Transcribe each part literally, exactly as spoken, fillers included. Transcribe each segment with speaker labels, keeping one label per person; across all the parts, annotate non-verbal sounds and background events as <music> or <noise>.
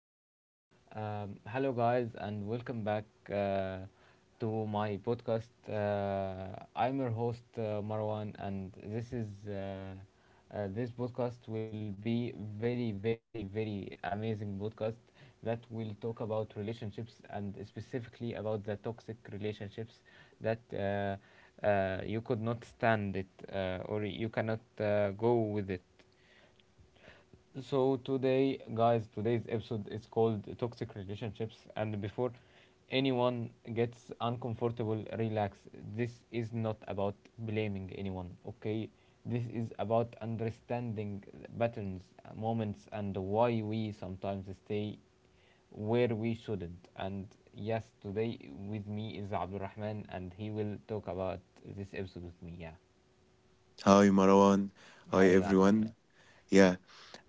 Speaker 1: now. Um, hello, guys, and welcome back uh, to my podcast. Uh, I'm your host uh, Marwan, and this is uh, uh, this podcast will be very, very, very amazing podcast that will talk about relationships and specifically about the toxic relationships that uh, uh, you could not stand it uh, or you cannot uh, go with it. So today, guys, today's episode is called Toxic Relationships. And before anyone gets uncomfortable, relax. This is not about blaming anyone, okay? This is about understanding patterns, moments, and why we sometimes stay where we shouldn't. And yes, today with me is Abdul Rahman, and he will talk about this episode with me. Yeah.
Speaker 2: Hi Marwan. Hi
Speaker 1: Hi, Abdul Rahman.
Speaker 2: everyone.
Speaker 1: Yeah.
Speaker 2: Yeah,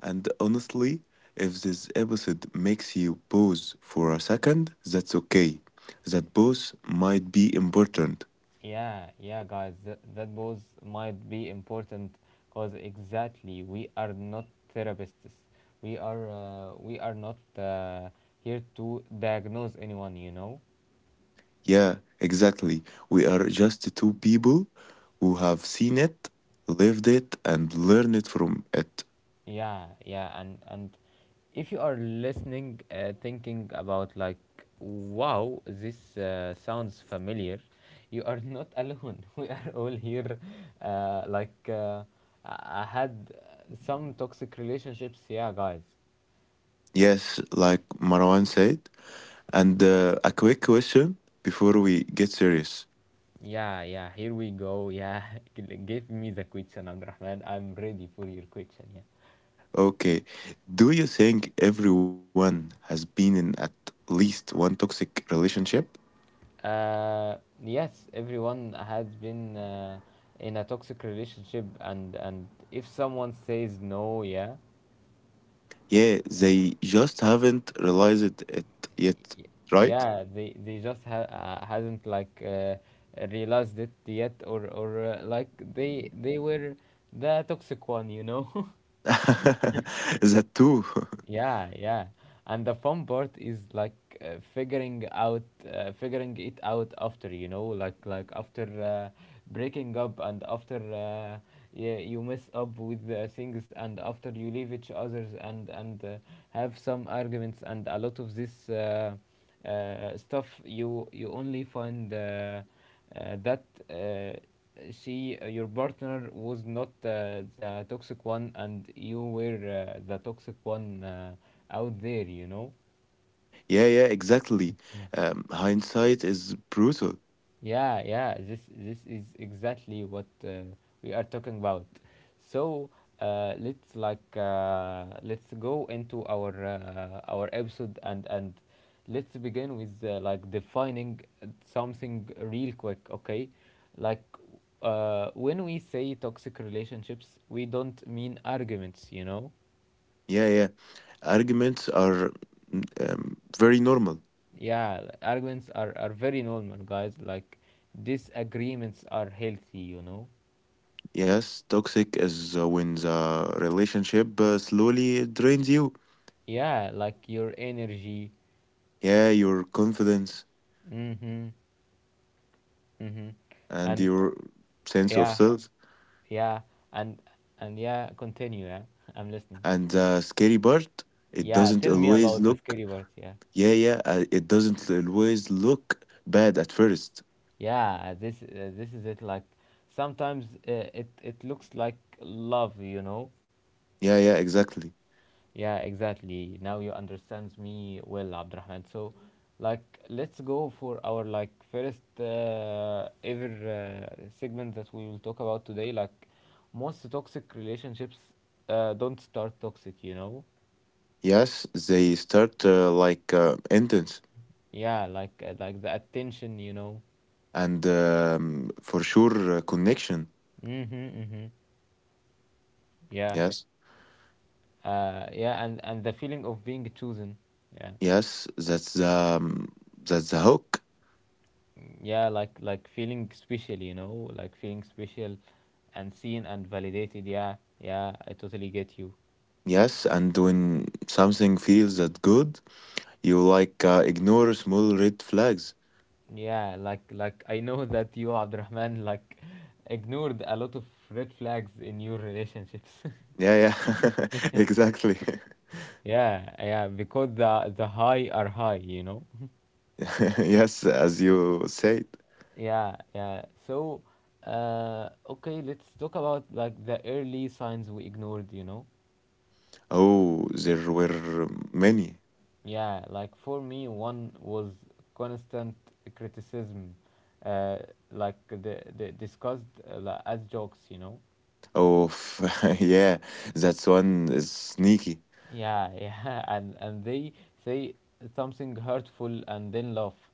Speaker 2: and honestly, if this episode makes you pause for a second, that's okay. That pause might be important.
Speaker 1: Yeah, yeah, guys, that, that pause might be important because exactly we are not therapists. We are uh, we are not uh, here to diagnose anyone. You know.
Speaker 2: Yeah, exactly. We are just two people who have seen it, lived it, and learned it from it.
Speaker 1: Yeah, yeah, and and if you are listening, uh, thinking about like, wow, this uh, sounds familiar. You are not alone. <laughs> We are all here. Uh, like, uh, I I had uh, some toxic relationships. Yeah, guys.
Speaker 2: Yes, like Marwan said. And uh, a quick question before we get serious.
Speaker 1: Yeah, yeah, here we go. Yeah, <laughs> G- give me the question, Abdurrahman. I'm ready for your question. Yeah.
Speaker 2: Okay. Do you think everyone has been in at least one toxic relationship?
Speaker 1: Uh, yes, everyone has been uh, in a toxic relationship, and and if someone says no, yeah,
Speaker 2: Yeah, they just haven't realized it yet, right?
Speaker 1: yeah, they they just ha- uh, hasn't like uh, realized it yet, or or uh, like they they were the toxic one, you know. <laughs>
Speaker 2: <laughs> That too. <laughs>
Speaker 1: Yeah, yeah. And the fun part is like uh, figuring out uh, figuring it out after, you know, like like after uh, breaking up and after uh, yeah, you mess up with uh, things and after you leave each others and and uh, have some arguments and a lot of this uh, uh, stuff you you only find uh, uh, that uh, she uh, your partner was not uh, the toxic one and you were uh, the toxic one uh, out there, you know.
Speaker 2: Yeah, yeah, exactly. Um, hindsight is brutal.
Speaker 1: Yeah, yeah, this this is exactly what uh, we are talking about. So uh, let's like uh, let's go into our uh, our episode and and let's begin with uh, like defining something real quick, okay? Like uh, when we say toxic relationships, we don't mean arguments, you know?
Speaker 2: Yeah, yeah. Arguments are mm, um, very normal.
Speaker 1: Yeah, arguments are are very normal, guys. Like disagreements are healthy, you know?
Speaker 2: Yes, toxic is uh, when the relationship uh, slowly drains you.
Speaker 1: Yeah, like your energy.
Speaker 2: Yeah, your confidence
Speaker 1: Mm-hmm. Mm-hmm.
Speaker 2: and
Speaker 1: And
Speaker 2: your sense of
Speaker 1: yeah.
Speaker 2: self.
Speaker 1: Yeah, and and yeah, continue, yeah. <laughs> I'm listening.
Speaker 2: And the scary part, it
Speaker 1: Yeah,
Speaker 2: doesn't
Speaker 1: tell me
Speaker 2: always
Speaker 1: about the
Speaker 2: look,
Speaker 1: scary part, yeah.
Speaker 2: yeah, yeah, uh, it doesn't always look bad at first.
Speaker 1: Yeah, this uh, this is it, like sometimes uh, it it looks like love, you know.
Speaker 2: Yeah, yeah, exactly.
Speaker 1: Yeah, exactly. Now you understand me well, Abdurrahman. So, like, let's go for our like first uh, ever uh, segment that we will talk about today. Like, most toxic relationships uh, don't start toxic, you know.
Speaker 2: Yes, they start uh, like uh, intense
Speaker 1: Yeah, like uh, like the attention, you know.
Speaker 2: and um, for sure uh, connection.
Speaker 1: Mhm, mhm. Yeah.
Speaker 2: Yes,
Speaker 1: Uh, yeah, and and the feeling of being chosen. Yeah.
Speaker 2: yes, that's the um, that's the hook.
Speaker 1: Yeah, like like feeling special, you know, like feeling special and seen and validated, yeah. Yeah, I totally get you.
Speaker 2: Yes, and when something feels that good, you like uh, ignore small red flags.
Speaker 1: Yeah, like like I know <laughs> that you, Abdurrahman, like ignored a lot of red flags in your relationships.
Speaker 2: Yeah, yeah, <laughs> exactly.
Speaker 1: <laughs> Yeah, yeah, because the the high are high, you know.
Speaker 2: <laughs> Yes, as you said.
Speaker 1: Yeah, yeah, so uh okay, let's talk about like the early signs we ignored, you know.
Speaker 2: Oh, there were many.
Speaker 1: Yeah, like for me, one was constant criticism, uh, like the, the discussed uh, li- as jokes, you know.
Speaker 2: Oh, <laughs> yeah, that one is sneaky.
Speaker 1: Yeah, <laughs> yeah, and and they say something hurtful and then laugh.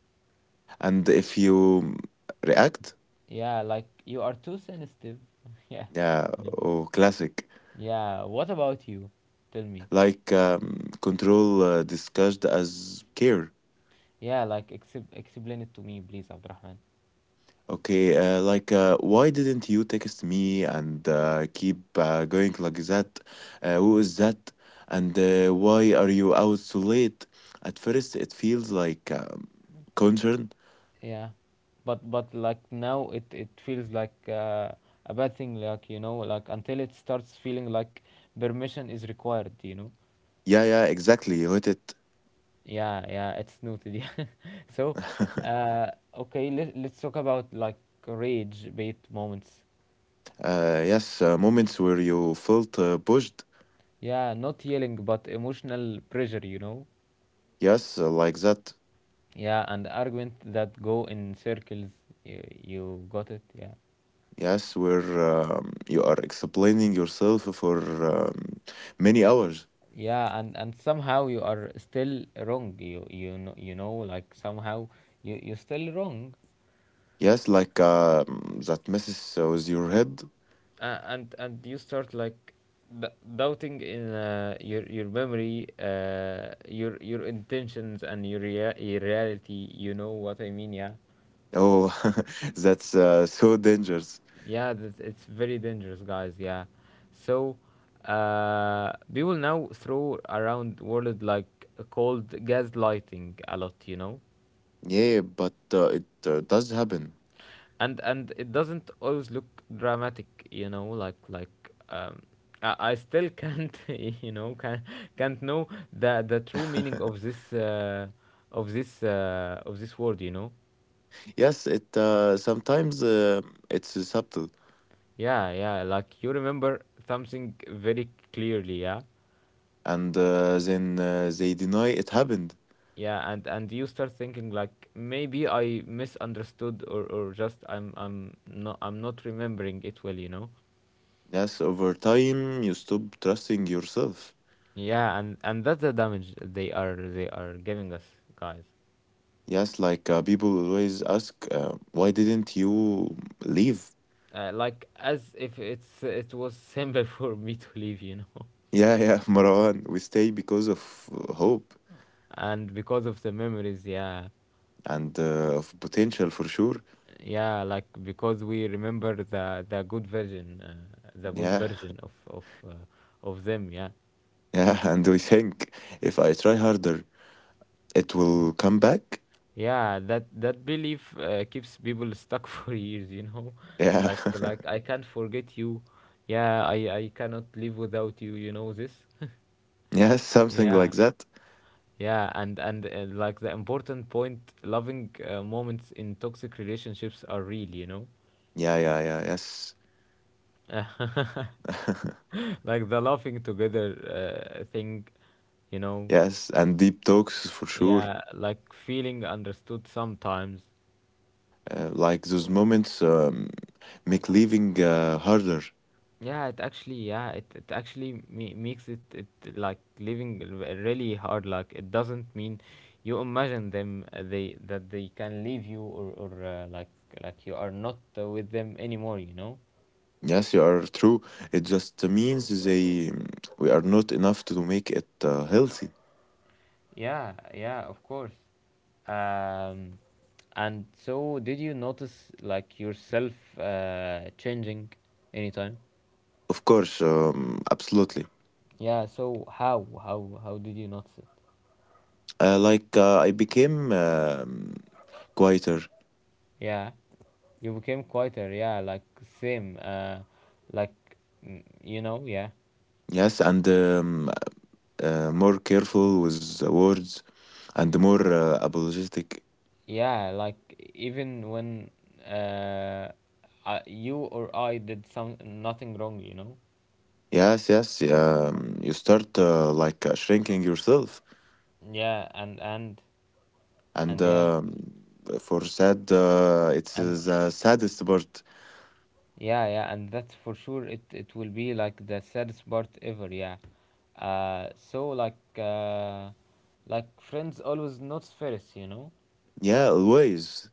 Speaker 2: And if you react,
Speaker 1: Yeah, like you are too sensitive. <laughs> Yeah,
Speaker 2: yeah, oh, classic.
Speaker 1: yeah. What about you? Tell me.
Speaker 2: Like um, control uh, discussed as care.
Speaker 1: Yeah, like exp- explain it to me, please, Abdurrahman.
Speaker 2: Okay, uh, like uh, why didn't you text me and uh, keep uh, going like that? Uh, who is that? And uh, why are you out so late? At first, it feels like um, concern.
Speaker 1: Yeah, but but like now it it feels like uh, a bad thing. Like you know, like until it starts feeling like permission is required. You know.
Speaker 2: Yeah, yeah, exactly. Hit
Speaker 1: Yeah, yeah, it's noted. Yeah. <laughs> So,
Speaker 2: it. <laughs>
Speaker 1: uh, okay, let let's talk about like rage bait moments.
Speaker 2: Uh, yes, uh, moments where you felt uh, pushed.
Speaker 1: Yeah, not yelling, but emotional pressure. You know.
Speaker 2: Yes, uh, like that.
Speaker 1: Yeah, and argument that go in circles. You you got it. Yeah.
Speaker 2: Yes, where um, you are explaining yourself for um, many hours.
Speaker 1: Yeah, and and somehow you are still wrong, you you know, you know, like somehow you you're still wrong.
Speaker 2: Yes, like um, that messes uh, with your head.
Speaker 1: uh, and and you start like d- doubting in uh, your your memory, uh, your your intentions and your, rea- your reality, you know what I mean, yeah.
Speaker 2: Oh, <laughs> that's uh, so dangerous.
Speaker 1: Yeah, that's, it's very dangerous, guys, yeah. So uh people now throw around word like called gaslighting a lot, you know.
Speaker 2: Yeah, but uh, it uh, does happen.
Speaker 1: and and it doesn't always look dramatic, you know, like like um i, I still can't <laughs> you know can, can't know the the true meaning of
Speaker 2: <laughs>
Speaker 1: this uh, of this uh, of this word, you know.
Speaker 2: Yes, it uh, sometimes uh, it's uh, subtle,
Speaker 1: Yeah, yeah, like you remember something very clearly, yeah.
Speaker 2: and uh, then uh, they deny it happened.
Speaker 1: Yeah, and and you start thinking like maybe I misunderstood or or just I'm i'm not i'm not remembering it well, you know.
Speaker 2: Yes, over time you stop trusting yourself.
Speaker 1: Yeah, and and that's the damage they are they are giving us, guys.
Speaker 2: Yes, like uh, people always ask, uh, why didn't you leave?
Speaker 1: Uh, like as if it's it was simple <laughs> for me to leave, you know.
Speaker 2: Yeah, yeah, <laughs> Marwan, we stay because of uh, hope
Speaker 1: And because of the memories, yeah.
Speaker 2: and uh, of potential for sure.
Speaker 1: Yeah, like because we remember the the good version uh, the good
Speaker 2: Yeah,
Speaker 1: version of of uh, of them, yeah.
Speaker 2: <laughs> yeah, and we think if I try harder, it will come back.
Speaker 1: Yeah, that that belief uh, keeps people stuck <laughs> for years, you know.
Speaker 2: Yeah,
Speaker 1: like like I can't forget you, yeah, i i cannot live without you, you know this.
Speaker 2: <laughs> yes,
Speaker 1: <laughs>
Speaker 2: something
Speaker 1: Yeah.
Speaker 2: like that.
Speaker 1: Yeah, and and uh, like the important point, loving uh, moments in toxic relationships are real, you know,
Speaker 2: Yeah, yeah, yeah, yes,
Speaker 1: <laughs>
Speaker 2: <laughs>
Speaker 1: like the laughing together uh, thing, you know.
Speaker 2: yes, and deep talks for sure.
Speaker 1: Yeah, like feeling understood sometimes.
Speaker 2: Uh, like those moments um, make leaving uh, harder.
Speaker 1: Yeah, it actually, yeah, it, it actually me- makes it it like living r- really hard. Like it doesn't mean you imagine them uh, they that they can leave you or or uh, like like you are not uh, with them anymore. You know.
Speaker 2: Yes, you are true. It just means they we are not enough to make it uh, healthy.
Speaker 1: Yeah, yeah, of course. Um, and so, did you notice like yourself uh, changing anytime?
Speaker 2: Of course, um, absolutely.
Speaker 1: Yeah. So how how how did you notice it?
Speaker 2: Uh, like uh, I became um quieter,
Speaker 1: Yeah, you became quieter. Yeah, like same. Uh, like mm, you know. Yeah.
Speaker 2: yes, and um, uh, more careful with the words, and more uh, apologetic.
Speaker 1: Yeah. Like even when uh, I, you or I did some nothing wrong. You know.
Speaker 2: Yes, yes. Um, you start uh, like uh, shrinking yourself,
Speaker 1: Yeah. And and
Speaker 2: and
Speaker 1: and yeah.
Speaker 2: um for sad, uh, it's uh,
Speaker 1: And
Speaker 2: the saddest part.
Speaker 1: yeah, yeah, and that's for sure. It it will be like the saddest part ever. Yeah, uh, so like uh, like friends always notes first, you know.
Speaker 2: Yeah, always.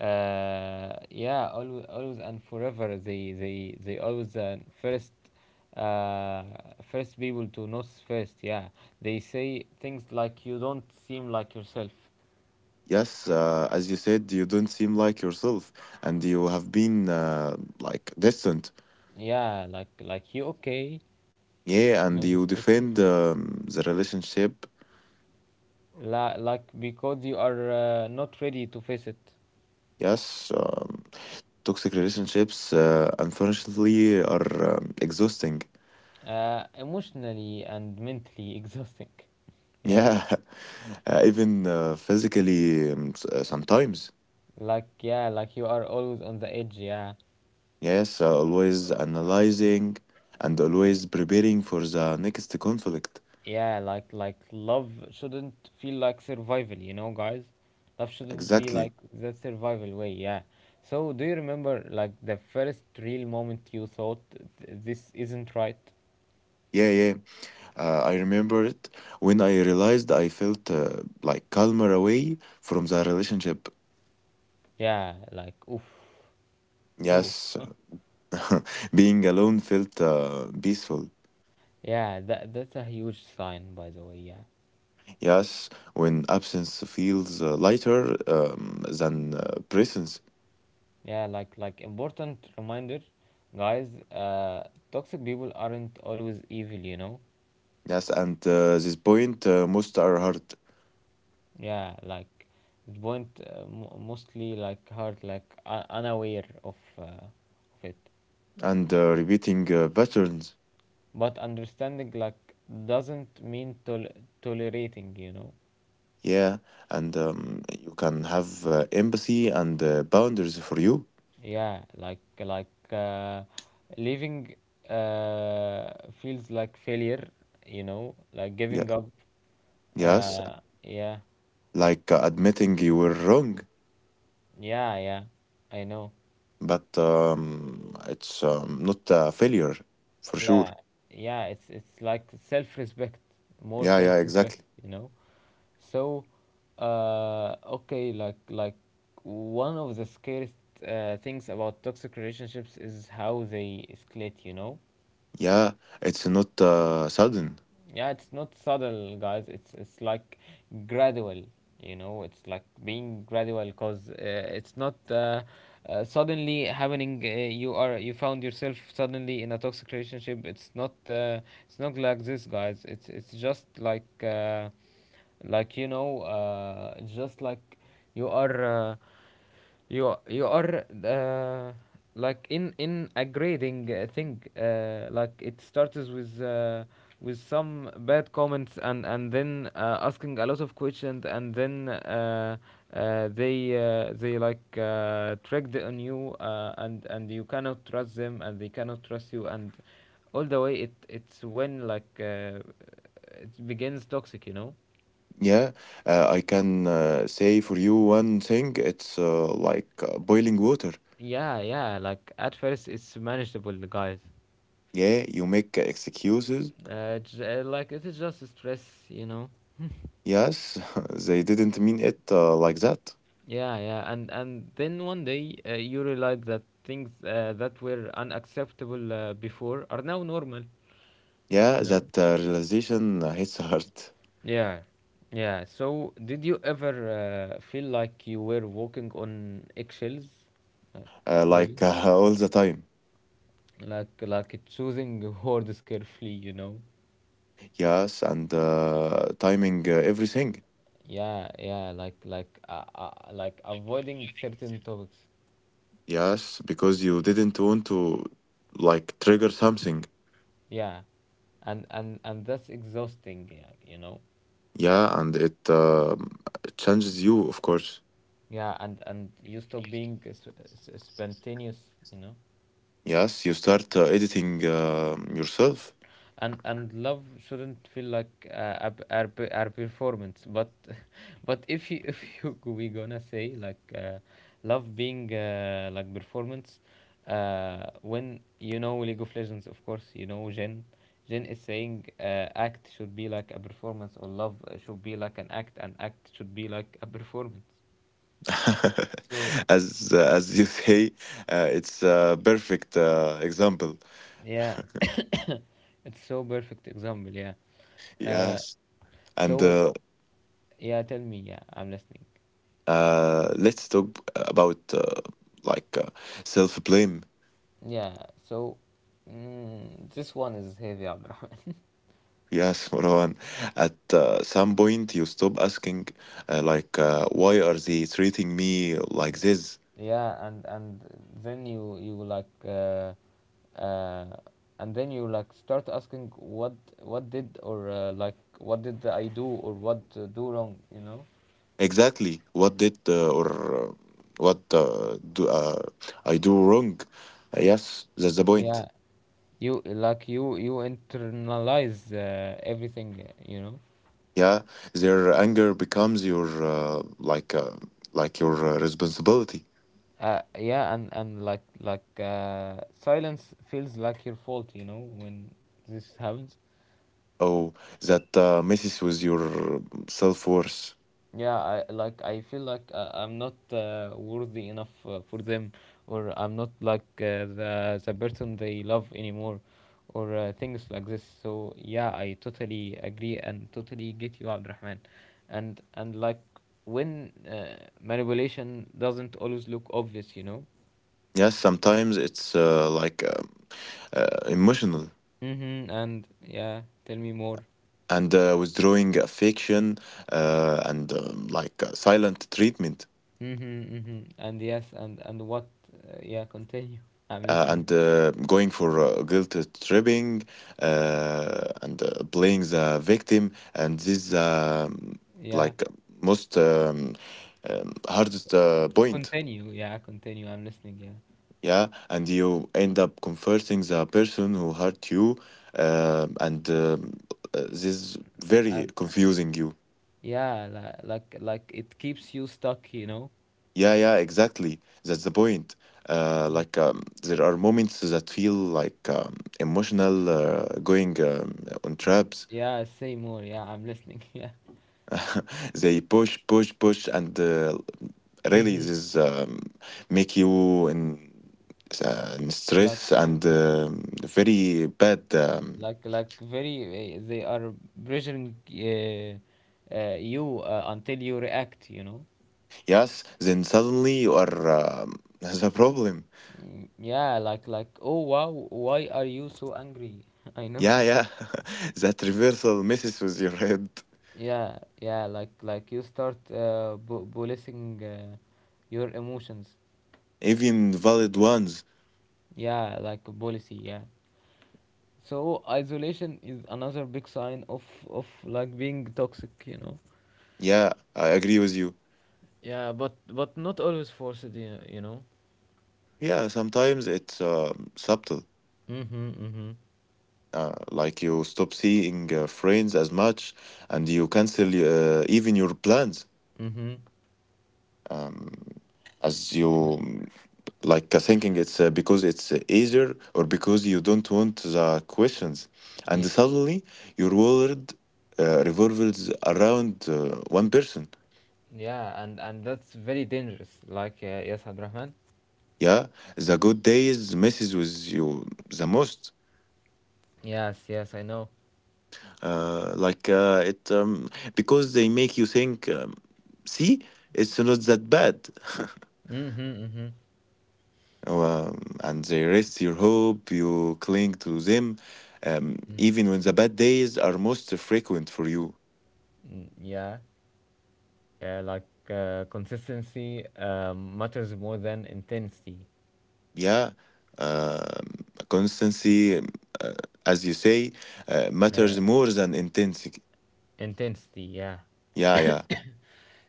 Speaker 1: Uh, yeah, always, always and forever. They they they always the first uh first people to notice first. Yeah, they say things like you don't seem like yourself.
Speaker 2: Yes, uh, as you said, you don't seem like yourself, and you have been uh, like distant.
Speaker 1: Yeah, like like you okay?
Speaker 2: Yeah,
Speaker 1: No,
Speaker 2: and
Speaker 1: this
Speaker 2: you
Speaker 1: question.
Speaker 2: defend um, the relationship.
Speaker 1: La, like because you are uh, not ready to face it.
Speaker 2: Yes, um, toxic relationships, uh, unfortunately, are um, exhausting.
Speaker 1: Uh, emotionally and mentally <laughs> exhausting, yeah.
Speaker 2: Yeah, <laughs> uh, even uh, physically um, s- uh, sometimes.
Speaker 1: Like yeah, like you are always on the edge, yeah.
Speaker 2: Yes, uh, always analyzing and always preparing for the next conflict.
Speaker 1: Yeah, like like love shouldn't feel like survival, you know, guys, love shouldn't be
Speaker 2: Exactly.
Speaker 1: like that survival way, yeah. So do you remember like the first real moment you thought, "Th- this isn't right."
Speaker 2: Yeah, yeah. Uh, I remember it when I realized I felt uh, like calmer away from the relationship.
Speaker 1: Yeah, like oof. Oof.
Speaker 2: Yes, <laughs> being alone felt uh, peaceful.
Speaker 1: Yeah, that that's a huge sign, by the way, yeah.
Speaker 2: Yes, when absence feels uh, lighter um, than uh, presence.
Speaker 1: Yeah, like like important reminder, guys. Uh, toxic people aren't always evil, you know.
Speaker 2: Yes, and uh, this point uh, most are hard
Speaker 1: Yeah, like it won't uh, mo- mostly like hurt, like uh, unaware of uh, of it.
Speaker 2: and uh, repeating uh, patterns.
Speaker 1: But understanding like doesn't mean tol- tolerating, you know.
Speaker 2: Yeah, and um, you can have uh, empathy and uh, boundaries for you.
Speaker 1: Yeah, like like uh, leaving uh, feels like failure, you know, like
Speaker 2: Yeah,
Speaker 1: giving up.
Speaker 2: yes,
Speaker 1: Uh, yeah,
Speaker 2: like uh, admitting you were wrong
Speaker 1: yeah, yeah. I know.
Speaker 2: but um, it's um, not a failure for sure.
Speaker 1: Yeah, yeah, it's it's like self respect, more
Speaker 2: Yeah,
Speaker 1: self
Speaker 2: yeah,
Speaker 1: respect,
Speaker 2: exactly.
Speaker 1: you know. So uh okay, like like one of the scariest uh, things about toxic relationships is how they escalate, you know.
Speaker 2: Yeah, it's not uh, sudden.
Speaker 1: Yeah, it's not subtle, guys. It's it's like gradual. You know, it's like being gradual because uh, it's not uh, uh, suddenly happening. Uh, you are you found yourself suddenly in a toxic relationship. It's not uh, it's not like this, guys. It's it's just like uh, like you know, uh, just like you are. Uh, you are you are uh, like in in a grading uh, thing, uh, like it starts with uh, with some bad comments and and then uh, asking a lot of questions and then uh, uh, they uh, they like uh, tricked on you, uh, and and you cannot trust them and they cannot trust you, and all the way it it's when like uh, it begins toxic, you know.
Speaker 2: Yeah, uh, I can uh, say for you one thing. It's uh, like uh, boiling water.
Speaker 1: Yeah, yeah, like at first it's manageable, guys.
Speaker 2: Yeah, you make excuses.
Speaker 1: Uh, j- uh, like it is just stress, you know.
Speaker 2: Yes, <laughs> they didn't mean it uh, like that.
Speaker 1: Yeah, yeah, and and then one day uh, you realize that things uh, that were unacceptable uh, before are now normal,
Speaker 2: Yeah,
Speaker 1: you know.
Speaker 2: that uh, realization hits hard,
Speaker 1: Yeah, yeah, so did you ever uh, feel like you were walking on eggshells, like
Speaker 2: <laughs> uh,
Speaker 1: really,
Speaker 2: like uh, all the time.
Speaker 1: like like choosing words carefully, <laughs> you know.
Speaker 2: Yes, and uh, timing uh, everything.
Speaker 1: Yeah, yeah, like like uh, uh, like avoiding certain topics.
Speaker 2: Yes, because you didn't want to like trigger something.
Speaker 1: Yeah, and and and that's exhausting, yeah, you know.
Speaker 2: Yeah, and it um, changes you, of course.
Speaker 1: Yeah, and and you stop being s- s- spontaneous you know.
Speaker 2: Yes, you start uh, editing um yourself.
Speaker 1: And and love shouldn't feel like uh, a, a, p- a performance, but <laughs> but if you <laughs> if you we gonna say like uh, love being uh, like performance, uh, when you know League of Legends of course, you know, Jen. Jen is saying uh, act should be like a performance, or love uh, should be like an act, and act should be like a performance. So
Speaker 2: <laughs> As uh, as you say, uh, it's a perfect uh, example.
Speaker 1: yeah, it's so perfect example. Yeah. uh,
Speaker 2: Yes, and
Speaker 1: So
Speaker 2: uh,
Speaker 1: yeah, tell me. Yeah, I'm listening.
Speaker 2: uh, let's talk about uh, like uh, self-blame.
Speaker 1: Yeah. So mm, this one is heavy, Abdurrahman. <laughs>
Speaker 2: Yes, <laughs> Marwan. At uh, some point, you stop asking, uh, like, uh, why are they treating me like this?
Speaker 1: Yeah, and and then you you like uh, uh, and then you like start asking what what did or uh, like what did I do, or what uh, do wrong? You know.
Speaker 2: Exactly. What did uh, or uh, what uh, do uh, I do wrong? Uh, yes, that's the point.
Speaker 1: Yeah. You like you you internalize uh, everything. You know.
Speaker 2: Yeah, their anger becomes your uh, like uh, like your uh, responsibility.
Speaker 1: Uh, yeah, and and like like uh, silence feels like your fault. You know, when this happens.
Speaker 2: Oh, that uh, messes with your self-worth.
Speaker 1: Yeah, I like I feel like uh, I'm not uh, worthy enough uh, for them, or I'm not like uh, the the person they love anymore, or uh, things like this. So yeah, I totally agree and totally get you, Abdurrahman, and and like when uh, manipulation doesn't always look obvious, you know.
Speaker 2: Yes, sometimes it's uh, like um uh, emotional.
Speaker 1: Mm-hmm. And yeah, tell me more.
Speaker 2: And uh, withdrawing affection uh, and um, like uh, silent treatment
Speaker 1: Mm-hmm. Mm-hmm. And yes, and and what? Uh, yeah, continue. I'm
Speaker 2: uh,
Speaker 1: listening.
Speaker 2: and uh, going for uh, guilt tripping uh, and uh, playing the victim, and this um,
Speaker 1: Yeah,
Speaker 2: like most um, um, hardest uh, point.
Speaker 1: continue. Yeah, continue. I'm listening. Yeah.
Speaker 2: Yeah, and you end up comforting the person who hurt you, uh, and um, uh, this is very
Speaker 1: And
Speaker 2: confusing you.
Speaker 1: yeah, li- like like it keeps you stuck, you know.
Speaker 2: Yeah, yeah, exactly. That's the point. Uh, like um, there are moments that feel like um, emotional uh, going um, on traps.
Speaker 1: Yeah, say more. Yeah, I'm listening. <laughs> Yeah.
Speaker 2: <laughs> They push, push, push, and uh, really
Speaker 1: Mm-hmm.
Speaker 2: this um, make you in, uh, in
Speaker 1: Like
Speaker 2: stress and um, very bad. Um,
Speaker 1: like like very uh, they are pressuring uh, uh, you uh, until you react, you know.
Speaker 2: yes, then suddenly you are um, <laughs> the problem.
Speaker 1: Mm. Yeah, like like oh wow, why are you so angry? <laughs> I know.
Speaker 2: Yeah, yeah, <laughs> that reversal messes with your head,
Speaker 1: Yeah, yeah, like like you start uh, bu- policing uh, your emotions.
Speaker 2: even valid ones.
Speaker 1: Yeah, like a policy. Yeah. So isolation is another big sign of of like being toxic, you know.
Speaker 2: Yeah, I agree with you.
Speaker 1: Yeah, but but not always forced, you you know.
Speaker 2: Yeah, sometimes it's um subtle.
Speaker 1: Mhm, mhm,
Speaker 2: Uh, like you stop seeing uh, friends as much and you cancel uh, even your plans.
Speaker 1: mhm.
Speaker 2: Um, as you like uh, thinking it's uh, because it's uh, easier or because you don't want the questions.
Speaker 1: Yeah,
Speaker 2: And suddenly your world uh, revolves around uh, one person.
Speaker 1: yeah, and and that's very dangerous. Like uh, yes, Abdurrahman.
Speaker 2: Yeah, the good days messes with you the most.
Speaker 1: Yes, yes, I know.
Speaker 2: Uh, like uh, it um, because they make you think, um, see, it's not that bad. <laughs>
Speaker 1: Mhm, mhm.
Speaker 2: Um, and they rest your hope, you cling to them, um,
Speaker 1: Mm.
Speaker 2: even when the bad days are most frequent for you.
Speaker 1: Mm. Yeah, yeah, like uh, consistency um, matters more than intensity.
Speaker 2: Yeah, um, constancy, um, uh, as you say, uh,
Speaker 1: Uh,
Speaker 2: matters more than intensity.
Speaker 1: Intensity, yeah.
Speaker 2: Yeah, yeah,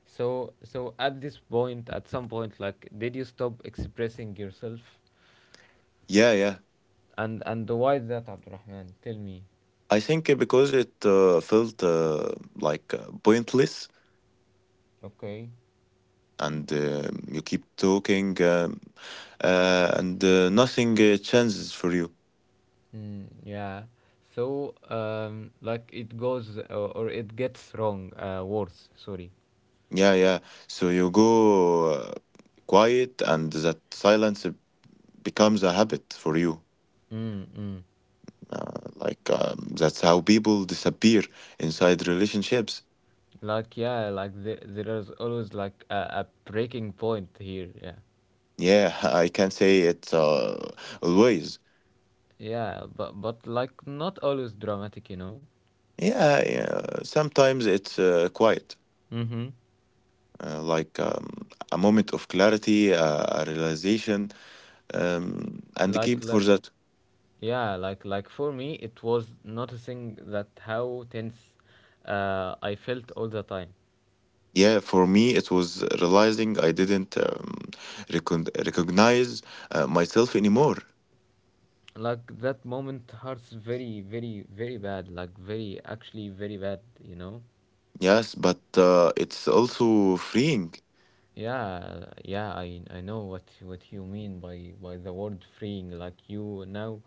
Speaker 1: So, so at this point, at some point, like, did you stop expressing yourself?
Speaker 2: yeah. Yeah,
Speaker 1: And and why is that, Abdurrahman? Tell me.
Speaker 2: I think uh, because it uh, felt uh, like uh, pointless,
Speaker 1: Okay.
Speaker 2: and uh, you keep talking, um, uh, and uh, nothing uh, changes for you.
Speaker 1: Mm, yeah. So, um, like, it goes uh, or it gets wrong. Uh, worse. Sorry.
Speaker 2: Yeah, yeah, so you go uh, quiet, and that silence uh, becomes a habit for you.
Speaker 1: Mm, mm.
Speaker 2: Uh, like um, that's how people disappear inside relationships.
Speaker 1: Like, yeah, like there, there is always like a, a breaking point here. Yeah.
Speaker 2: Yeah, <laughs> I can say it, uh, always.
Speaker 1: Yeah, but but like not always dramatic, you know.
Speaker 2: Yeah, yeah, sometimes it's uh, quiet,
Speaker 1: Mm-hmm.
Speaker 2: uh, like um, a moment of clarity, uh, a realization, um, and
Speaker 1: Like
Speaker 2: keep for
Speaker 1: like
Speaker 2: that.
Speaker 1: yeah, like like for me, it was noticing that how tense uh, I felt all the time.
Speaker 2: Yeah, for me, it was realizing I didn't um, recon recognize uh, myself anymore.
Speaker 1: Like that moment hurts very very very bad, like very actually very bad, you know.
Speaker 2: Yes, but uh, it's also freeing.
Speaker 1: Yeah, yeah, I I know what what you mean by by the word freeing. Like you now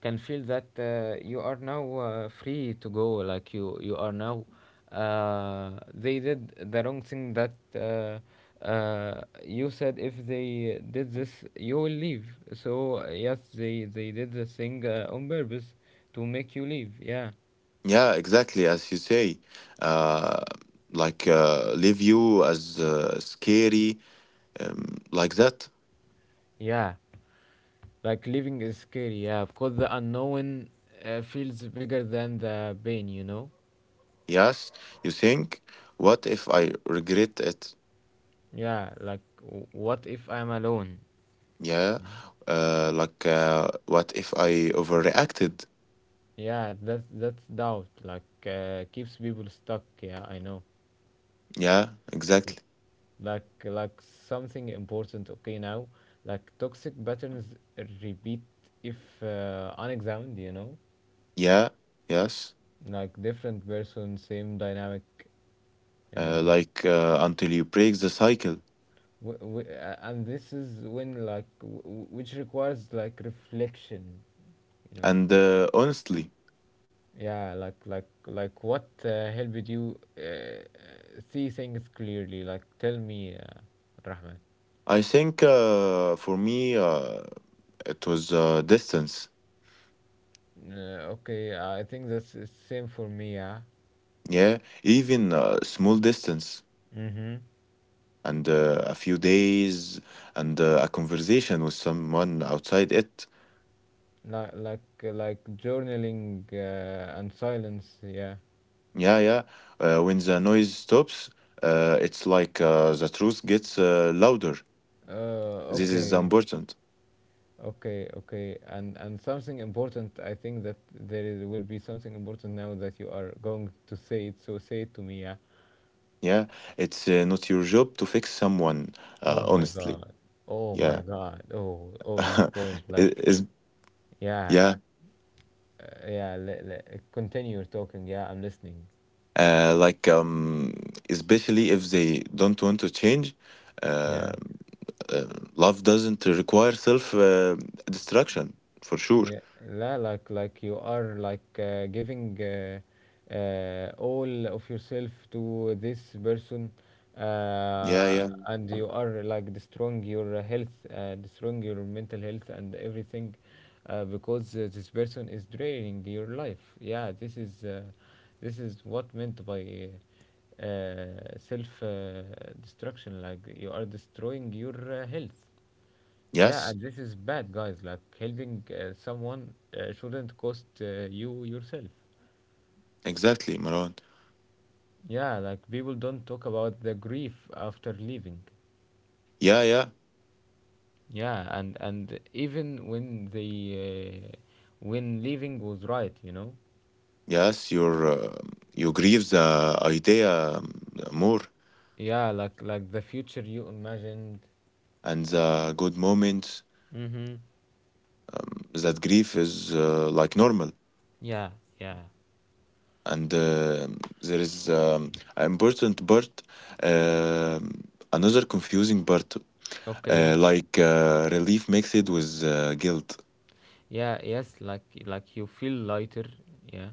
Speaker 1: can feel that uh, you are now uh, free to go. Like you you are now. Uh, they did the wrong thing that uh, uh, you said. If they did this, you will leave. So yes, they they did the thing uh, on purpose to make you leave. Yeah,
Speaker 2: Yeah, exactly as you say. Uh, like uh, leave you as uh, scary, um, like that.
Speaker 1: yeah. Like living is scary, yeah, because the unknown uh, feels bigger than the pain, you know.
Speaker 2: Yes, you think, what if I regret it?
Speaker 1: Yeah, like w- what if I'm alone?
Speaker 2: Yeah, uh, like uh, what if I overreacted?
Speaker 1: Yeah, that that's doubt. Like uh, keeps people stuck. Yeah, I know.
Speaker 2: Yeah,
Speaker 1: L-
Speaker 2: exactly.
Speaker 1: Like like something important. Okay, now like toxic patterns repeat if uh, unexamined. You know,
Speaker 2: Yeah, yes.
Speaker 1: like different person, same dynamic. You
Speaker 2: Uh,
Speaker 1: know,
Speaker 2: like uh, until you break the cycle.
Speaker 1: w- w- uh, and this is when like w- w- which requires like reflection, you know.
Speaker 2: And uh, honestly,
Speaker 1: Yeah, like like like what uh, helped you uh, uh, see things clearly, like tell me uh, Rahman.
Speaker 2: I think uh, for me uh, it was uh, distance.
Speaker 1: Uh, okay, I think that's the same for me. Yeah.
Speaker 2: Yeah, even uh, small distance
Speaker 1: Mm-hmm.
Speaker 2: and uh, a few days and uh, a conversation with someone outside it.
Speaker 1: Like like like journaling uh, and silence, yeah.
Speaker 2: Yeah, yeah. Uh, when the noise stops, uh, it's like uh, the truth gets uh, louder.
Speaker 1: uh,
Speaker 2: This is
Speaker 1: okay
Speaker 2: important.
Speaker 1: okay okay, and and something important, I think that there is, will be something important now that you are going to say it, so say it to me. Yeah.
Speaker 2: Yeah, it's uh, not your job to fix someone, uh,
Speaker 1: Oh my
Speaker 2: honestly.
Speaker 1: god. Oh my
Speaker 2: Yeah.
Speaker 1: god. Oh, oh, this
Speaker 2: <laughs>
Speaker 1: point.
Speaker 2: It-
Speaker 1: Like,
Speaker 2: it's.
Speaker 1: yeah,
Speaker 2: Yeah,
Speaker 1: uh, yeah. Let, let, continue your talking. Yeah, I'm listening.
Speaker 2: uh, like um, especially if they don't want to change, uh,
Speaker 1: Yeah.
Speaker 2: uh, love doesn't require self uh, destruction for sure.
Speaker 1: Yeah, la, like like you are like uh, giving uh, uh, all of yourself to this person,
Speaker 2: Yeah,
Speaker 1: uh,
Speaker 2: yeah,
Speaker 1: and you are like destroying your uh, health, uh, destroying your mental health and everything, uh, because uh, this person is draining your life. Yeah, this is uh, this is what meant by uh, self uh, destruction. Like you are destroying your uh, health. Yeah,
Speaker 2: yes,
Speaker 1: and this is bad, guys. Like helping uh, someone uh, shouldn't cost uh, you yourself.
Speaker 2: exactly, Maron.
Speaker 1: Yeah, like people don't talk about the grief after leaving.
Speaker 2: Yeah, yeah,
Speaker 1: Yeah, and and even when the uh, when leaving was right, you know.
Speaker 2: yes. Your uh, you grieve the idea, um, more
Speaker 1: Yeah, like like the future you imagined.
Speaker 2: and the good moments.
Speaker 1: Mhm.
Speaker 2: Um, that grief is uh, like normal,
Speaker 1: Yeah, yeah.
Speaker 2: and uh, there is um, an important part. um Another confusing part,
Speaker 1: Okay.
Speaker 2: uh, like uh, relief mixed with uh, guilt.
Speaker 1: Yeah, yes, like like you feel lighter. Yeah.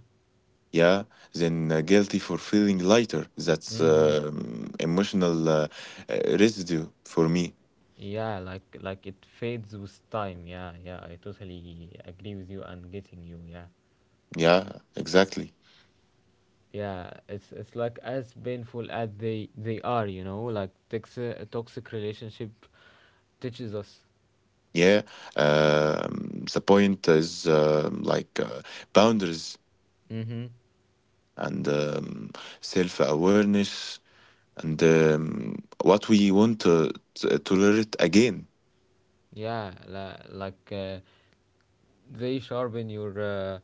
Speaker 2: Yeah, then uh, guilty for feeling lighter. That's
Speaker 1: Mhm.
Speaker 2: um emotional uh, uh, residue for me.
Speaker 1: Yeah, like like it fades with time. Yeah, yeah, I totally agree with you and getting you. Yeah,
Speaker 2: Yeah, exactly.
Speaker 1: yeah, it's it's like as painful as they they are. You know, like toxic, a toxic relationship teaches us.
Speaker 2: Yeah, um, the point is um like uh, boundaries
Speaker 1: Mm-hmm.
Speaker 2: and um, self awareness and um, what we want to, to tolerate again.
Speaker 1: Yeah, la, like uh, they sharpen your uh,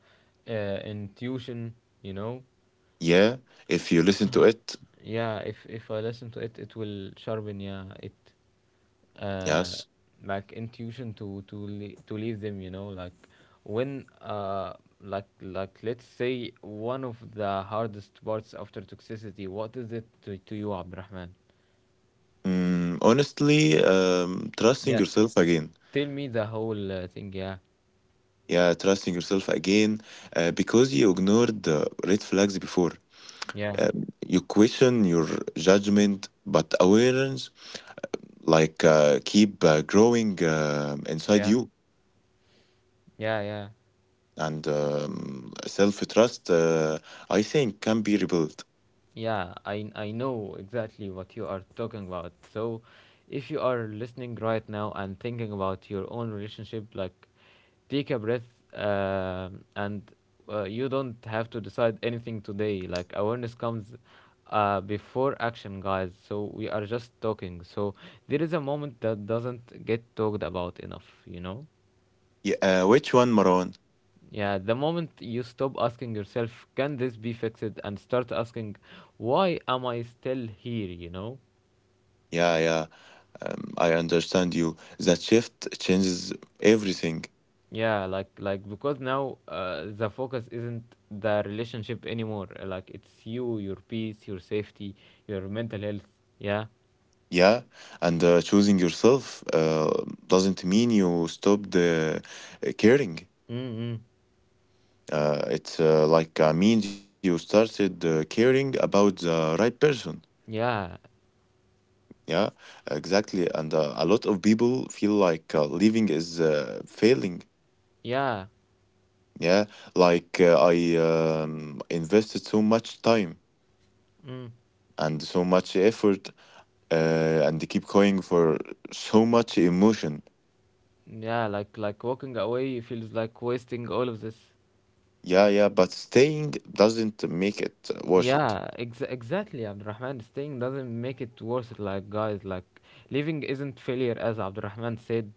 Speaker 1: uh, intuition. You know.
Speaker 2: Yeah, if you listen to it.
Speaker 1: Yeah, if if I listen to it, it will sharpen. Yeah, it uh,
Speaker 2: Yes.
Speaker 1: like intuition to to le- to leave them, you know. Like when uh like like let's say one of the hardest parts after toxicity, what is it to, to you, Abdurrahman.
Speaker 2: Mm, honestly, um, trusting
Speaker 1: Yeah,
Speaker 2: yourself again.
Speaker 1: tell me the whole uh, thing, yeah.
Speaker 2: Yeah, trusting yourself again uh, because you ignored the red flags before.
Speaker 1: Yeah,
Speaker 2: Um, you question your judgment, but awareness like uh, keep uh, growing uh, inside
Speaker 1: yeah,
Speaker 2: you,
Speaker 1: yeah, yeah.
Speaker 2: and um, self-trust. Uh, I think can be rebuilt.
Speaker 1: Yeah, I I know exactly what you are talking about. So, if you are listening right now and thinking about your own relationship, like take a breath um, and uh, you don't have to decide anything today. Like awareness comes uh, before action, guys. So we are just talking. So there is a moment that doesn't get talked about enough, you know?
Speaker 2: Yeah, uh, which one, Maron?
Speaker 1: Yeah, the moment you stop asking yourself, can this be fixed, and start asking, why am I still here, you know?
Speaker 2: Yeah, yeah. Um, I understand you. That shift changes everything.
Speaker 1: Yeah, like like because now uh, the focus isn't the relationship anymore. uh, Like it's you, your peace, your safety, your mental health. Yeah.
Speaker 2: Yeah, and uh, choosing yourself uh, doesn't mean you stopped uh, caring.
Speaker 1: Mm-mm.
Speaker 2: Uh, it's uh, like uh, means you started uh, caring about the right person.
Speaker 1: Yeah.
Speaker 2: Yeah, exactly. And uh, a lot of people feel like uh, living is uh, failing.
Speaker 1: Yeah.
Speaker 2: Yeah, like uh, I um, invested so much time
Speaker 1: Mm.
Speaker 2: and so much effort, uh, and keep going for so much emotion.
Speaker 1: Yeah, like like walking away feels like wasting all of this.
Speaker 2: Yeah, yeah, but staying doesn't make it worth it.
Speaker 1: Yeah, ex- exactly, Abdurrahman. Staying doesn't make it worth it, like guys. Like leaving isn't failure, as Abdurrahman said,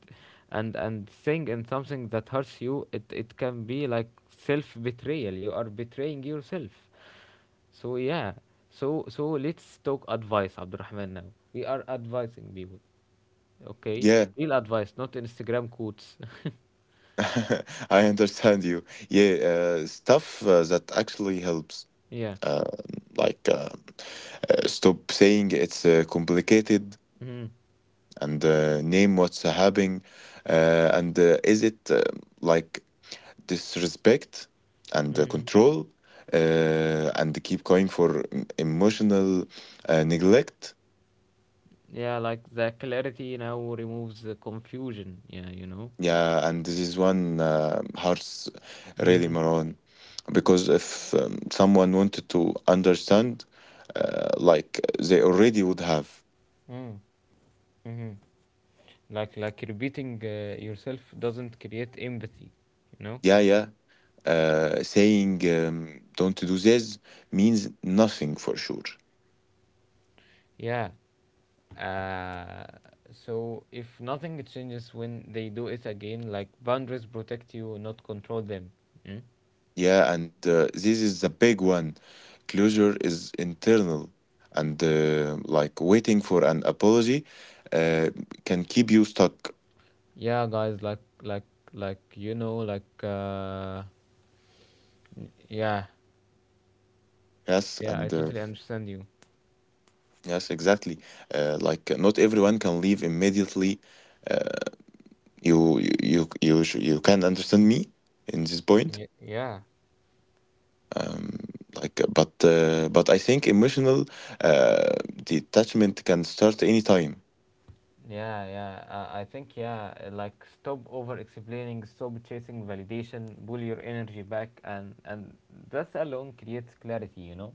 Speaker 1: and and staying in something that hurts you, it it can be like self betrayal. You are betraying yourself. So yeah, so so let's talk advice, Abdurrahman. Now we are advising people, okay?
Speaker 2: Yeah,
Speaker 1: Real advice, not Instagram quotes.
Speaker 2: <laughs> I understand you. Yeah, uh, stuff uh, that actually helps.
Speaker 1: <laughs> yeah.
Speaker 2: Uh, like, uh, uh, stop saying it's uh, complicated
Speaker 1: Hmm.
Speaker 2: and uh, name what's uh, happening. Uh, and uh, is it uh, like disrespect and uh,
Speaker 1: Hmm.
Speaker 2: control? Uh, and keep going for mm, emotional uh, neglect?
Speaker 1: Yeah, like the clarity now removes the confusion. Yeah, you know.
Speaker 2: Yeah, and this is one uh, hurts really,
Speaker 1: Mm-hmm.
Speaker 2: Maron, because if um, someone wanted to understand, uh, like they already would have.
Speaker 1: Mm. Hmm. Like like repeating uh, yourself doesn't create empathy, you know?
Speaker 2: Yeah, yeah. Uh, saying um, don't do this means nothing for sure.
Speaker 1: Yeah. Uh, so if nothing changes when they do it again, like boundaries protect you, not control them. Mm?
Speaker 2: Yeah, and uh, this is the big one. Closure is internal, and uh, like waiting for an apology uh, can keep you stuck.
Speaker 1: Yeah, guys. Like like like you know like uh, yeah.
Speaker 2: Yes,
Speaker 1: Yeah. I
Speaker 2: and uh,
Speaker 1: totally understand you.
Speaker 2: yes, exactly. Uh, like uh, not everyone can leave immediately. Uh, you you you you, sh- you can understand me in this point.
Speaker 1: Y- yeah.
Speaker 2: Um, like, uh, but uh, but I think emotional uh, detachment can start anytime.
Speaker 1: Yeah, yeah. Uh, I think yeah. uh, Like stop over explaining, stop chasing validation, pull your energy back, and and that alone creates clarity. You know.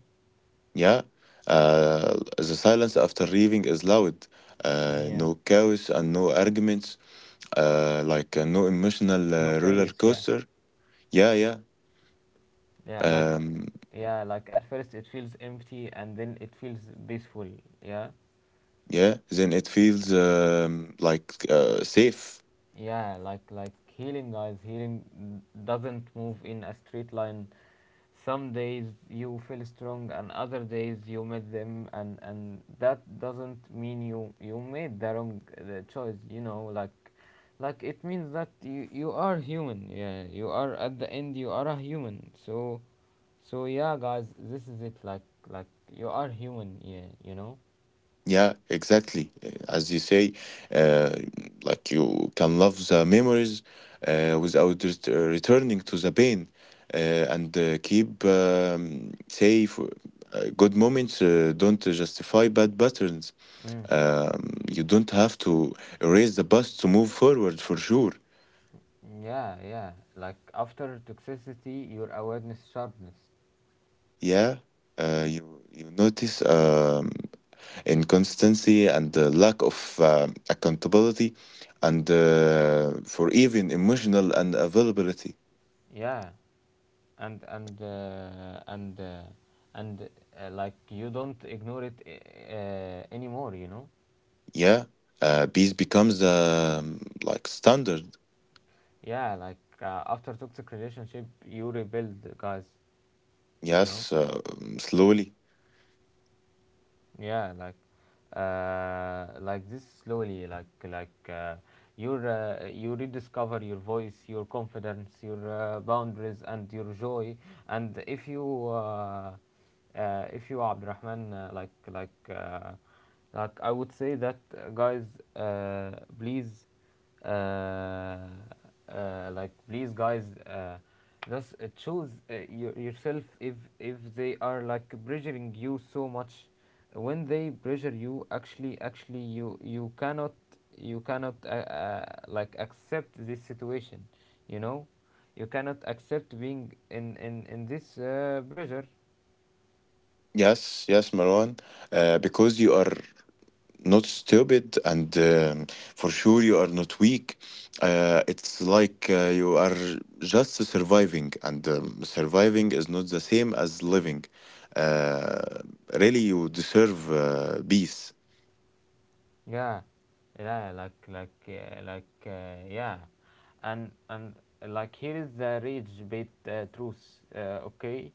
Speaker 2: Yeah. Uh, the silence after leaving is loud. Uh,
Speaker 1: Yeah.
Speaker 2: no chaos and no arguments. Uh, like uh, no emotional
Speaker 1: No
Speaker 2: uh, roller
Speaker 1: chaos. Yeah.
Speaker 2: coaster. Yeah, yeah.
Speaker 1: Yeah. Like
Speaker 2: Um,
Speaker 1: yeah. Like at first it feels empty, and then it feels peaceful. Yeah.
Speaker 2: yeah. Then it feels um, like uh, safe.
Speaker 1: Yeah. Like like healing, guys. Healing doesn't move in a straight line. Some days you feel strong and other days you meet them, and and that doesn't mean you you made the wrong the choice, you know. like like it means that you you are human, yeah. You are at the end, you are a human. So so yeah, guys, this is it. like like you are human, yeah, you know.
Speaker 2: Yeah, exactly. As you say, uh, like you can love the memories uh, without ret- returning to the pain, uh, and uh, keep um, safe. Uh, good moments uh, don't justify bad patterns.
Speaker 1: Mm.
Speaker 2: Um, you don't have to erase the past to move forward, for sure.
Speaker 1: Yeah, yeah, like after toxicity your awareness sharpness.
Speaker 2: Yeah, uh, you you notice um, inconsistency and the lack of um accountability, and uh, for even emotional and availability.
Speaker 1: Yeah, and and uh, and uh, and uh, like you don't ignore it uh, uh, anymore, you know.
Speaker 2: Yeah, uh, peace becomes um, like standard.
Speaker 1: Yeah, like uh, after toxic relationship you rebuild, guys, you know.
Speaker 2: Yes, uh, slowly.
Speaker 1: Yeah, like uh, like this slowly, like like uh, you uh, you rediscover your voice, your confidence, your uh, boundaries, and your joy. And if you uh, uh, if you, Abdurrahman, uh, like like uh, like I would say that uh, guys, uh, please uh, uh, like please, guys, uh, just uh, choose uh, your, yourself if if they are like pressuring you so much. When they pressure you, actually, actually you you cannot, you cannot uh, uh, like accept this situation, you know. You cannot accept being in in in this uh, pressure.
Speaker 2: Yes, yes, Marwan. Uh, because you are not stupid and, um, for sure, you are not weak. Uh, it's like uh, you are just surviving, and um, surviving is not the same as living. uh, Really, you deserve uh, peace.
Speaker 1: Yeah, yeah, like like uh, like uh, yeah, and and like here is the rage bait uh, truth. Uh, okay,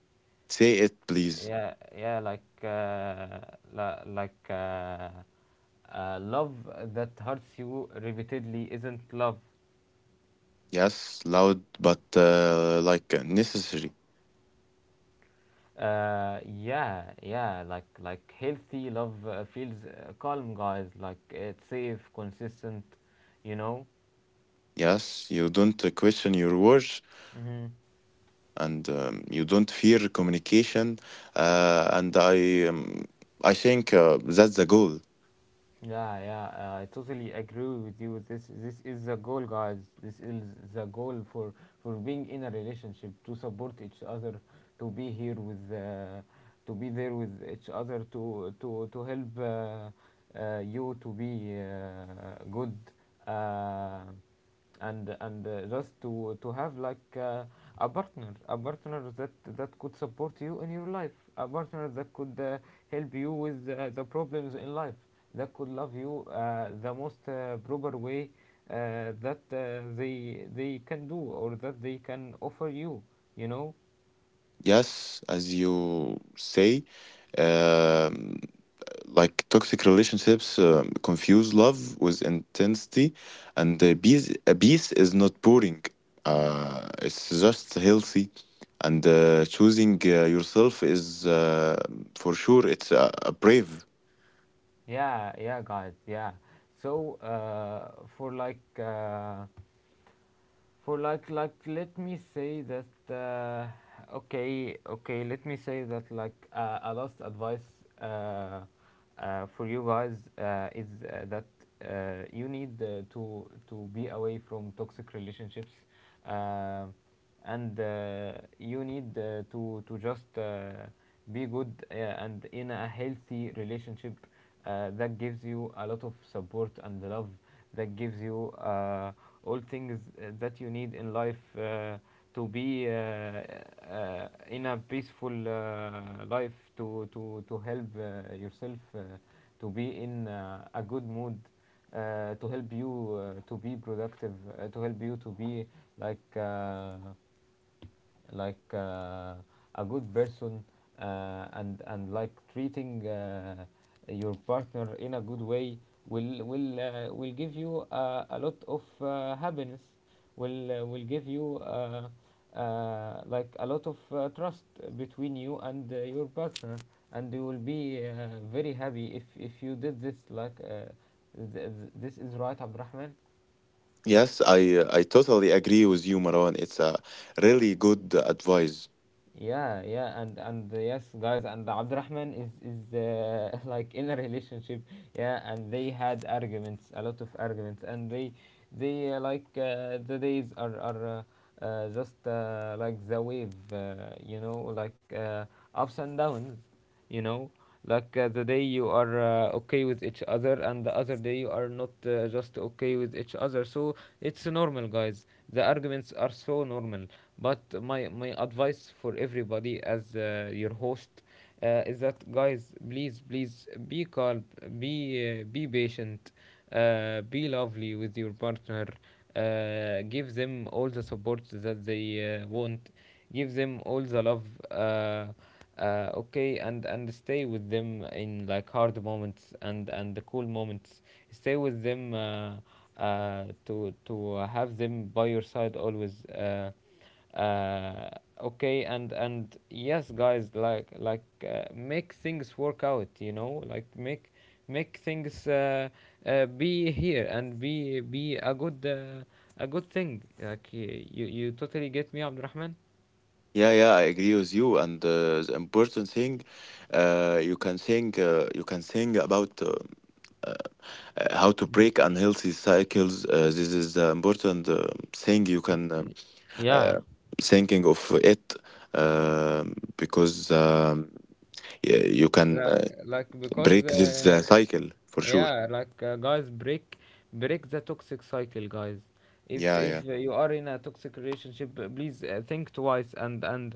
Speaker 2: Say it please.
Speaker 1: yeah, yeah, like uh, la- like uh, uh, love that hurts you repeatedly isn't love.
Speaker 2: Yes, loud but uh, like necessary.
Speaker 1: Uh, yeah, yeah, like like healthy love uh, feels uh, calm, guys. Like it's safe, consistent, you
Speaker 2: Yes, you don't uh, question your worth,
Speaker 1: know.
Speaker 2: and um, you don't fear communication. Uh, and I, um, I think uh, that's the goal.
Speaker 1: Yeah, yeah, uh, I totally agree with you. This this is the goal, guys. This is the goal for for being in a relationship to support each other, to be here with, uh, to be there with each other, to to to help uh, uh, you to be uh, good. Uh, and and uh, just to to have like uh, a partner a partner that that could support you in your life, a partner that could uh, help you with uh, the problems in life, that could love you uh, the most uh, proper way uh, that uh, they they can do, or that they can offer you you know
Speaker 2: Yes, as you say, um, like toxic relationships um, confuse love with intensity, and uh, peace, uh, peace is not boring. Uh, it's just healthy, and uh, choosing uh, yourself is uh, for sure it's a, a brave.
Speaker 1: Yeah, yeah, guys, yeah. So uh, for like uh, for like like let me say that, uh, okay okay let me say that, like uh, a last advice uh, uh, for you guys uh, is uh, that uh, you need uh, to to be away from toxic relationships, uh, and uh, you need uh, to to just uh, be good, uh, and in a healthy relationship uh, that gives you a lot of support and love, that gives you uh, all things uh, that you need in life, uh, to be uh, uh, in a peaceful uh, life, to to to help uh, yourself, uh, to be in uh, a good mood, uh, to help you uh, to be productive, uh, to help you to be like uh, like uh, a good person. Uh, and and like treating uh, your partner in a good way will will uh, will give you uh, a lot of uh, happiness, will uh, will give you uh, uh, like a lot of uh, trust between you and uh, your partner, and you will be uh, very happy if if you did this. Like uh, th- th- this is right, Abdurrahman?
Speaker 2: Yes, I I totally agree with you, Marwan. It's a really good advice.
Speaker 1: Yeah, yeah, and and uh, yes, guys, and Abdurrahman is is uh, <laughs> like in a relationship, yeah, and they had arguments, a lot of arguments, and they they uh, like uh, the days are are uh, uh, just uh, like the wave, uh, you know, like uh, ups and downs, you know. Like uh, the day you are uh, okay with each other, and the other day you are not uh, just okay with each other. So it's normal, guys. The arguments are so normal. But my my advice for everybody, as uh, your host, uh, is that, guys, please, please be calm, be uh, be patient, uh, be lovely with your partner, uh, give them all the support that they uh, want, give them all the love, uh, uh, okay and and stay with them in like hard moments and and the cool moments, stay with them, uh, uh, to to have them by your side always. Uh, uh, okay and and yes, guys, like like uh, make things work out, you know, like, make make things uh, uh, be here, and be be a good, uh, a good thing. Like y- you you totally get me, Abdurrahman.
Speaker 2: Yeah, yeah, I agree with you. And uh, the important thing, uh, you can think, uh, you can think about uh, uh, uh, how to break unhealthy cycles. Uh, this is the important uh, thing you can um,
Speaker 1: Yeah.
Speaker 2: uh, thinking of it, um because um, y- you can uh,
Speaker 1: like like because
Speaker 2: break this
Speaker 1: uh,
Speaker 2: uh, cycle for sure.
Speaker 1: Yeah, like uh, guys, break break the toxic cycle, guys. If
Speaker 2: Yeah, yeah,
Speaker 1: if uh, you are in a toxic relationship, uh, please uh, think twice, and and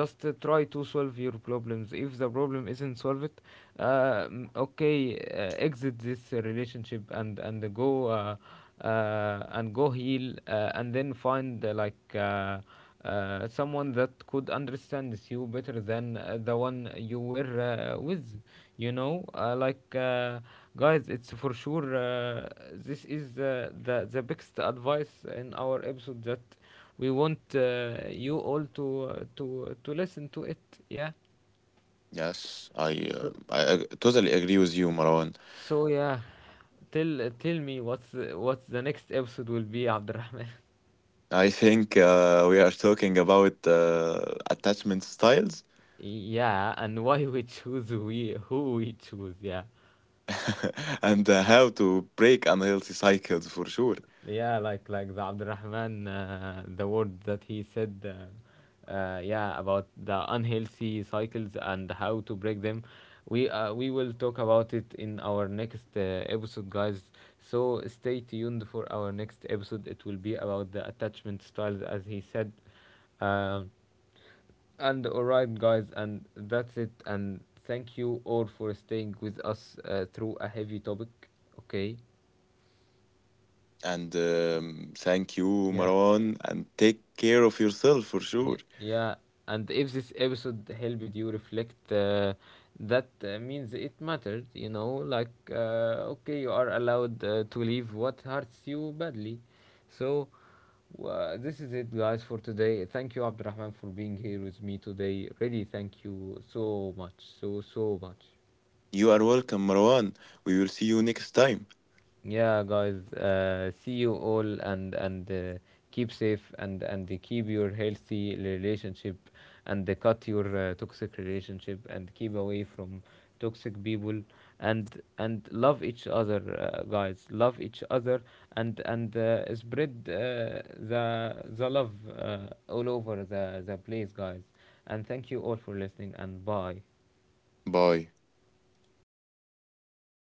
Speaker 1: just uh, try to solve your problems. If the problem isn't solved, uh, mm, okay, uh, exit this uh, relationship, and and go, uh, uh, and go heal, uh, and then find, uh, like. Uh, uh, someone that could understand you better than uh, the one you were uh, with, you know uh, like uh, guys. It's for sure, uh, this is uh, the the biggest advice in our episode that we want uh, you all to uh, to to listen to it, yeah.
Speaker 2: yes, I,
Speaker 1: so
Speaker 2: um, I ag- totally agree with you, Marwan.
Speaker 1: so yeah, tell tell me, what's what's the next episode will be, Abdurrahman?
Speaker 2: I think uh, we are talking about uh, attachment styles.
Speaker 1: <laughs> Yeah, and why we choose, we who we choose, yeah.
Speaker 2: <laughs> And uh, how to break unhealthy cycles for sure.
Speaker 1: Yeah, like like the Abdurrahman, uh, the word that he said, uh, uh, yeah, about the unhealthy cycles and how to break them. We uh, we will talk about it in our next uh, episode, guys. So stay tuned for our next episode, it will be about the attachment styles, as he said. Um, and Alright, guys, and that's it. And thank you all for staying with us uh, through a heavy topic. Okay.
Speaker 2: And um, thank you,
Speaker 1: Yeah.
Speaker 2: Marwan, and take care of yourself for sure.
Speaker 1: Y- Yeah, and if this episode helped you reflect, uh, that uh, means it mattered, you know. Like, uh, okay, you are allowed uh, to leave what hurts you badly. So, uh, this is it, guys, for today. Thank you, Abdurrahman, for being here with me today. Really, thank you so much, so, so much.
Speaker 2: You are welcome, Marwan. We will see you next time.
Speaker 1: Yeah, guys, uh, see you all, and and uh, keep safe, and and keep your healthy relationship, and cut your uh, toxic relationship, and keep away from toxic people, and and love each other, uh, guys, love each other, and and uh, spread, uh, the the love, uh, all over the the place, guys. And thank you all for listening, and bye.
Speaker 2: Bye.